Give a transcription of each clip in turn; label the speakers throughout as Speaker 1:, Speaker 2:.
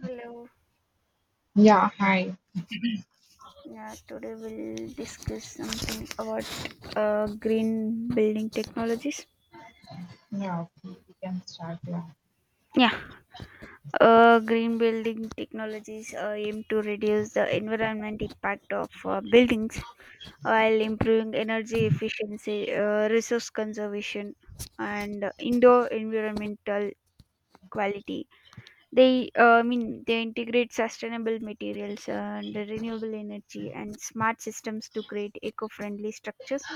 Speaker 1: Hello.
Speaker 2: Yeah, hi.
Speaker 1: Yeah, Today we'll discuss something about green building technologies.
Speaker 2: Yeah, okay, we can start. Yeah.
Speaker 1: Yeah, Green building technologies aim to reduce the environment impact of buildings while improving energy efficiency, resource conservation, and indoor environmental quality. They integrate sustainable materials and renewable energy and smart systems to create eco-friendly structures,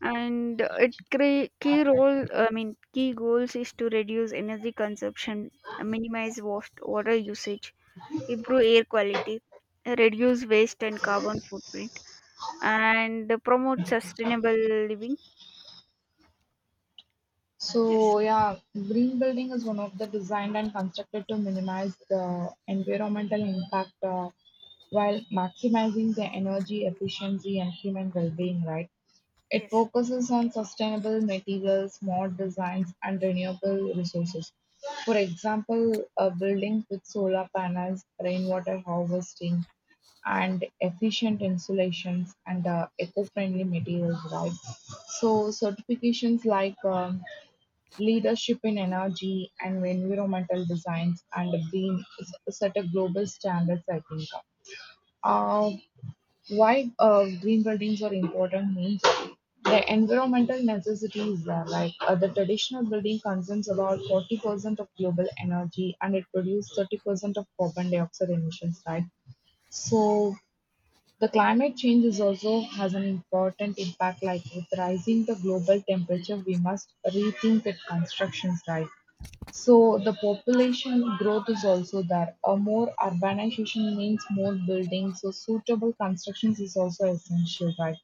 Speaker 1: and it cre- key role I mean key goals is to reduce energy consumption, minimize waste water usage, improve air quality, reduce waste and carbon footprint, and promote sustainable living. Yes.
Speaker 2: So yeah, green building is one of the designed and constructed to minimize the environmental impact, while maximizing the energy efficiency and human well-being, right? It
Speaker 1: Yes.
Speaker 2: focuses on sustainable materials, smart designs, and renewable resources. For example, buildings with solar panels, rainwater harvesting, and efficient insulations and eco-friendly materials, right? So certifications like Leadership in energy and environmental designs and green set a global standards, I think. Uh, why green buildings are important means the environmental necessities are like, the traditional building consumes about 40% of global energy and it produces 30% of carbon dioxide emissions, right? So the climate change is also has an important impact. Like with rising the global temperature, we must rethink the constructions, right? So the population growth is also there. A more urbanization means more buildings, so suitable constructions is also essential, right?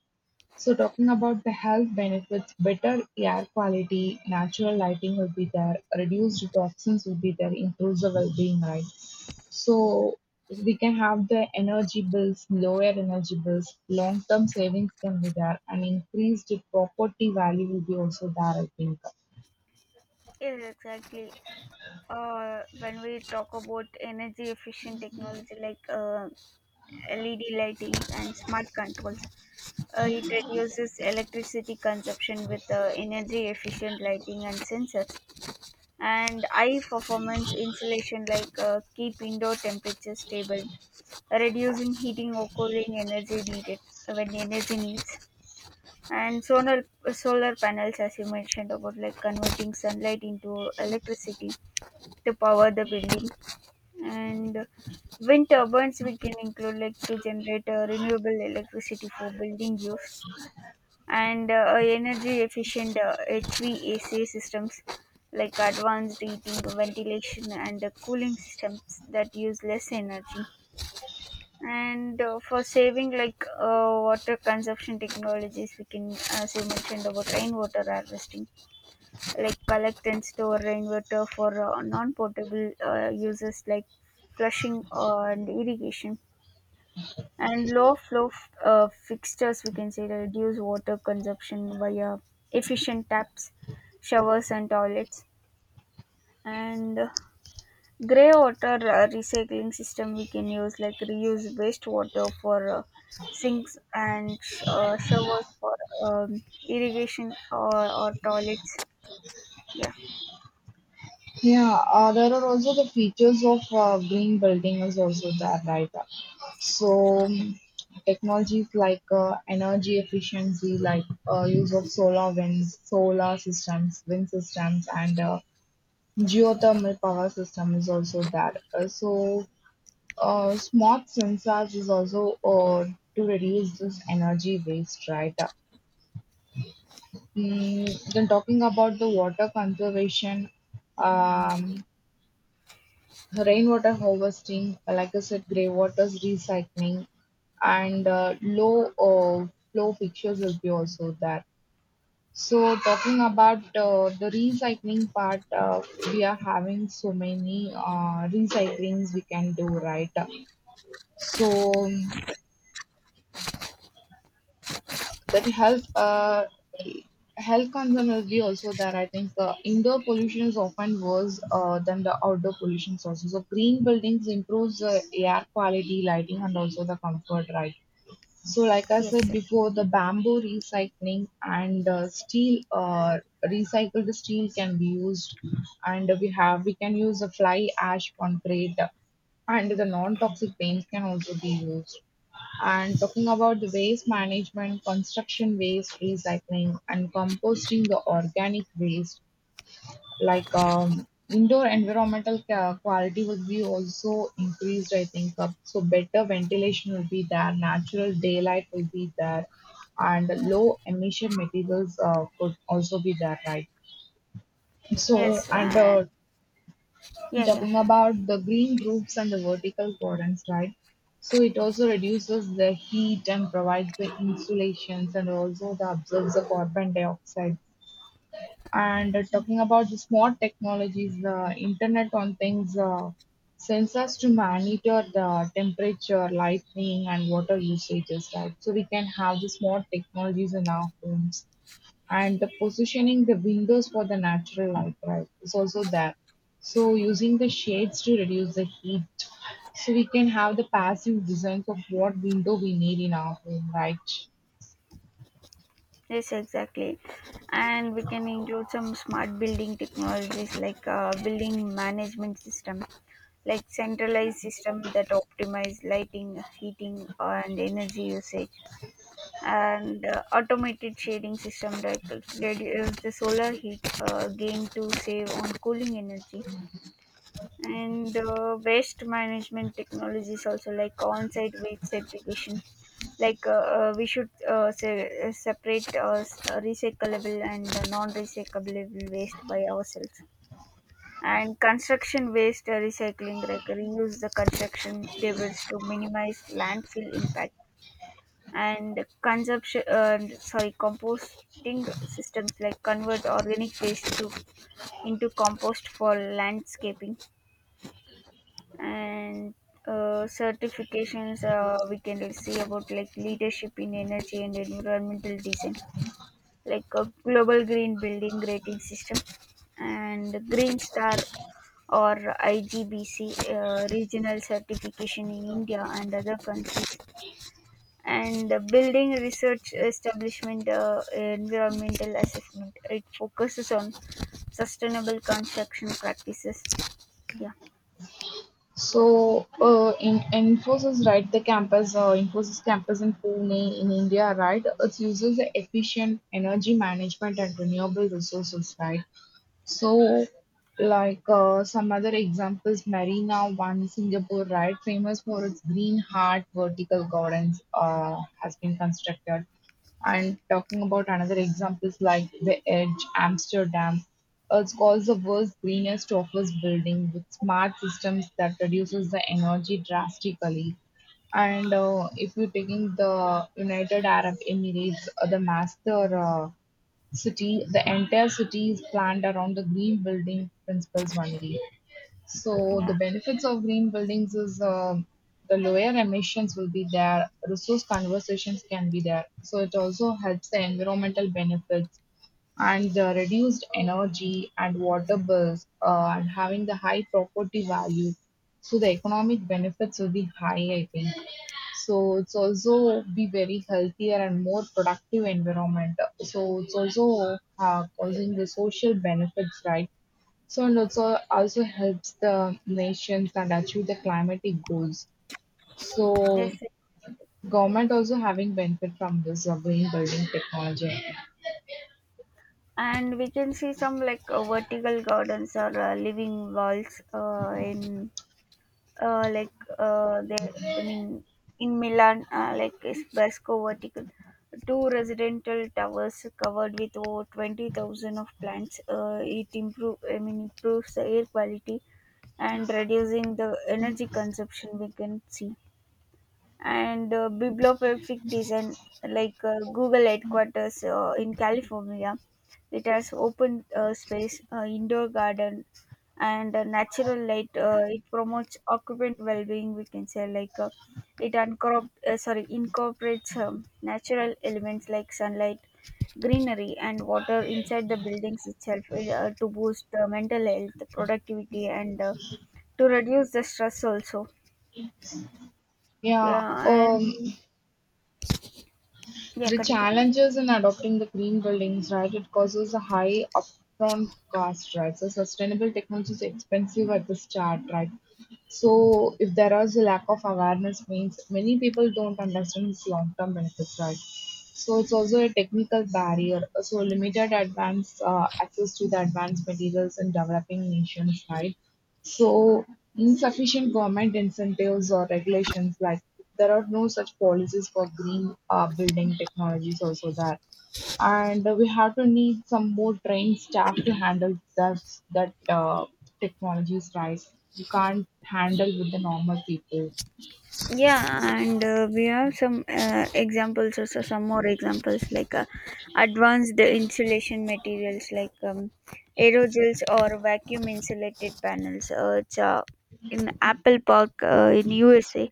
Speaker 2: So talking about the health benefits, better air quality, natural lighting will be there, reduced toxins will be there, improves the well-being, right? So we can have the energy bills, lower energy bills, long-term savings can be there, and increased property value will be also there, I think.
Speaker 1: Yes, exactly. When we talk about energy efficient technology like led lighting and smart controls, it reduces electricity consumption with energy efficient lighting and sensors, and high performance insulation like keep indoor temperature stable, reducing heating or cooling energy needed when energy needs. And solar panels, as you mentioned, about like converting sunlight into electricity to power the building. And wind turbines we can include, like, to generate renewable electricity for building use. And energy efficient HVAC systems, like advanced heating, ventilation, and cooling systems that use less energy. And for saving, like water consumption technologies, we can, as you mentioned, about rainwater harvesting, like collect and store rainwater for non-potable uses like flushing and irrigation. And low flow fixtures, we can say, reduce water consumption via efficient taps, showers and toilets. And gray water recycling system we can use, like reuse wastewater for showers for irrigation or toilets. Yeah.
Speaker 2: Yeah, there are also the features of green building is also there, right? So technologies like, energy efficiency, like, use of solar winds, solar systems, wind systems, and geothermal power system is also there. So smart sensors is also to reduce this energy waste, right? Mm, then talking about the water conservation. Um, Rainwater harvesting, like I said, grey waters recycling, and low flow fixtures will be also there. So talking about the recycling part, we are having so many recyclings we can do, right? So that helps. Health concern will be also that, I think. The indoor pollution is often worse than the outdoor pollution sources. So green buildings improves the air quality, lighting, and also the comfort, right? So, like I
Speaker 1: Yes,
Speaker 2: said
Speaker 1: sir.
Speaker 2: before, the bamboo recycling and steel, recycled steel can be used, and we can use a fly ash concrete, and the non-toxic paints can also be used. And talking about the waste management, construction waste recycling, and composting the organic waste, like indoor environmental quality will be also increased, I think. So better ventilation will be there, natural daylight will be there, and low emission materials could also be there, right? so
Speaker 1: Yes.
Speaker 2: and
Speaker 1: And
Speaker 2: uh,
Speaker 1: yeah, yeah.
Speaker 2: talking about the green roofs and the vertical gardens, right? So it also reduces the heat and provides the insulations and also the absorbs the carbon dioxide. And talking about the smart technologies, the Internet on Things sensors to monitor the temperature, lighting, and water usages, right? So we can have the smart technologies in our homes. And the positioning the windows for the natural light, right, is also there. So using the shades to reduce the heat. So we can have the passive designs of what window we need in our home, right?
Speaker 1: Yes, exactly. And we can include some smart building technologies like building management system, like centralized system that optimize lighting, heating, and energy usage, and automated shading system that reduce the solar heat gain to save on cooling energy. And waste management technologies also, like on-site waste segregation, like we should separate recyclable and non-recyclable waste by ourselves. And construction waste recycling, like reuse the construction debris to minimize landfill impact. And consumption sorry composting systems, like convert organic waste to into compost for landscaping. And certifications we can see about, like leadership in energy and environmental design, like a global green building rating system. And green star, or igbc, regional certification in india and other countries. And the building research establishment environmental assessment, it focuses on sustainable construction practices. Yeah.
Speaker 2: So, in Infosys, right, the campus, Infosys campus in Pune in India, right, it uses the efficient energy management and renewable resources, right? So, like some other examples, Marina One, Singapore, right, famous for its green heart vertical gardens, has been constructed. And talking about another examples like the Edge, Amsterdam, it's called the world's greenest office building with smart systems that reduces the energy drastically. And if you're taking the United Arab Emirates, the master. City, the entire city is planned around the green building principles only. So
Speaker 1: Yeah.
Speaker 2: the benefits of green buildings is, the lower emissions will be there, resource conversations can be there. So it also helps the environmental benefits and the reduced energy and water bills, and having the high property value. So the economic benefits will be high, I think. So it's also be very healthier and more productive environment. So it's also causing the social benefits, right? So and also helps the nations and achieve the climatic goals. So
Speaker 1: Yes,
Speaker 2: government also having benefit from this green building technology.
Speaker 1: and we can see some, like vertical gardens or living walls in like there I mean in milan, like is basco vertical, two residential towers covered with over 20,000 of plants. It improve I mean improves the air quality and reducing the energy consumption, we can see. And bibliographic design, like google headquarters in california, it has open space, indoor garden, and natural light. It promotes occupant well-being, we can say. Like it uncorp- sorry incorporates natural elements like sunlight, greenery and water inside the buildings itself to boost mental health, productivity, and to reduce the stress also.
Speaker 2: Yeah.
Speaker 1: Yeah. And yeah,
Speaker 2: The
Speaker 1: continue.
Speaker 2: challenges in adopting the green buildings, right? It causes a high upfront cost, right? So sustainable technology is expensive at the start, right? So if there is a lack of awareness, means many people don't understand its long-term benefits, right? So it's also a technical barrier. So limited advance access to the advanced materials in developing nations, right? So, insufficient government incentives or regulations, like there are no such policies for green building technologies also there. And we have to need some more trained staff to handle that, that technologies, right? You can't handle with the normal people.
Speaker 1: Yeah, and we have some examples also, some more examples like advanced insulation materials like aerogels or vacuum insulated panels. It's in apple park in usa.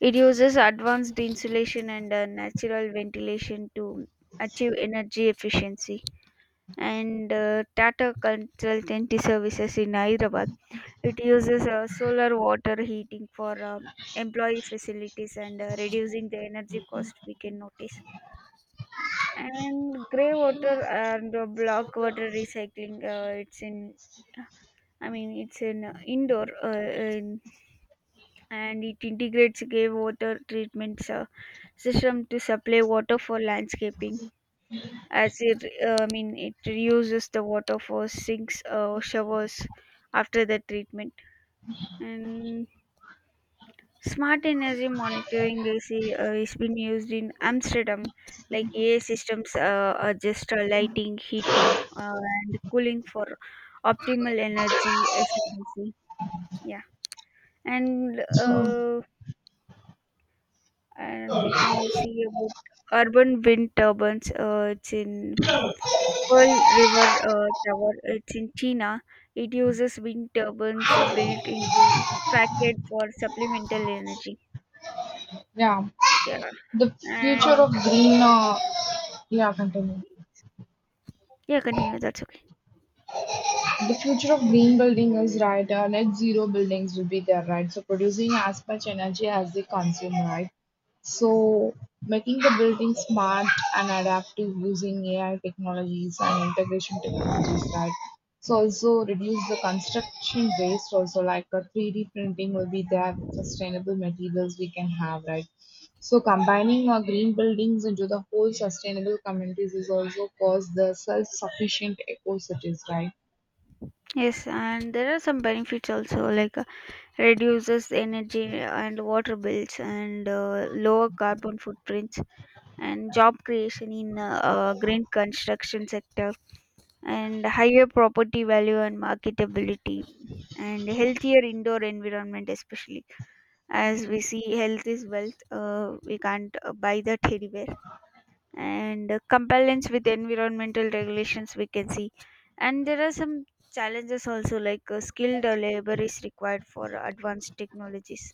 Speaker 1: It uses advanced insulation and natural ventilation to achieve energy efficiency. And tata consultancy services in hyderabad, it uses solar water heating for employee facilities and reducing the energy cost, we can notice. And grey water and black water recycling, it's in and it integrates grey water treatment system to supply water for landscaping. As it, I mean, It reuses the water for sinks or showers after the treatment. And smart energy monitoring is been used in Amsterdam, like AI systems adjust lighting, heating, and cooling for optimal energy efficiency. Yeah, and
Speaker 2: So,
Speaker 1: uh, and we can see about urban wind turbines. It's in Pearl River Tower. It's in China. It uses wind turbines built into facade for supplemental energy.
Speaker 2: yeah,
Speaker 1: Yeah.
Speaker 2: the future
Speaker 1: And
Speaker 2: of green, yeah, continue.
Speaker 1: yeah, continue. That's okay.
Speaker 2: The future of green building is right, net zero buildings will be there, right? So producing as much energy as they consume, right? So making the building smart and adaptive using AI technologies and integration technologies, right? So also reduce the construction waste also like a 3D printing will be there, sustainable materials we can have, right? So combining our green buildings into the whole sustainable communities is also cause the self-sufficient eco cities, right?
Speaker 1: Yes, and there are some benefits also, like reduces energy and water bills and lower carbon footprints, and job creation in green construction sector, and higher property value and marketability, and healthier indoor environment, especially as we see health is wealth. We can't buy that anywhere. And compliance with environmental regulations, we can see. And there are some challenges also, like skilled labor is required for advanced technologies,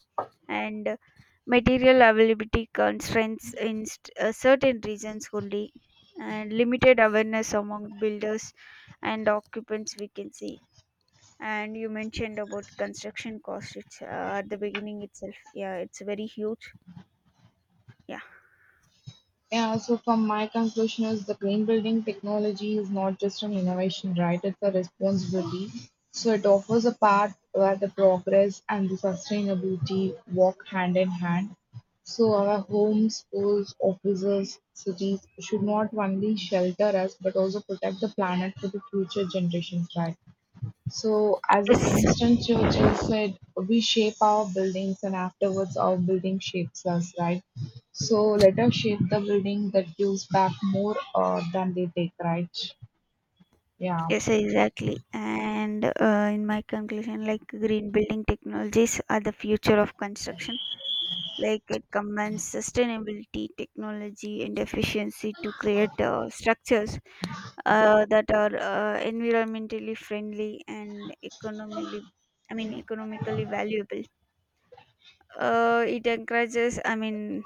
Speaker 1: and material availability constraints in certain regions only, and limited awareness among builders and occupants, we can see. And you mentioned about construction cost, it's at the beginning itself, yeah, it's very huge. Yeah.
Speaker 2: Yeah, so from my conclusion is the green building technology is not just an innovation, right? It's a responsibility. So it offers a path where the progress and the sustainability walk hand in hand. So our homes, schools, offices, cities should not only shelter us but also protect the planet for the future generations, right? So, as
Speaker 1: Yes.
Speaker 2: Winston Churchill said, we shape our buildings and afterwards our building shapes us, right? So, let us shape the building that gives back more than they take, right? Yeah.
Speaker 1: Yes, exactly. And in my conclusion, like green building technologies are the future of construction. Like it combines sustainability, technology, and efficiency to create structures that are environmentally friendly and economically valuable. It encourages, I mean,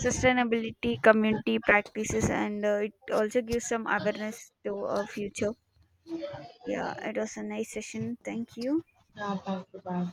Speaker 1: Sustainability, community practices, and it also gives some awareness to our future. Yeah, it was a nice session. Thank you.
Speaker 2: Yeah, thank you, bye.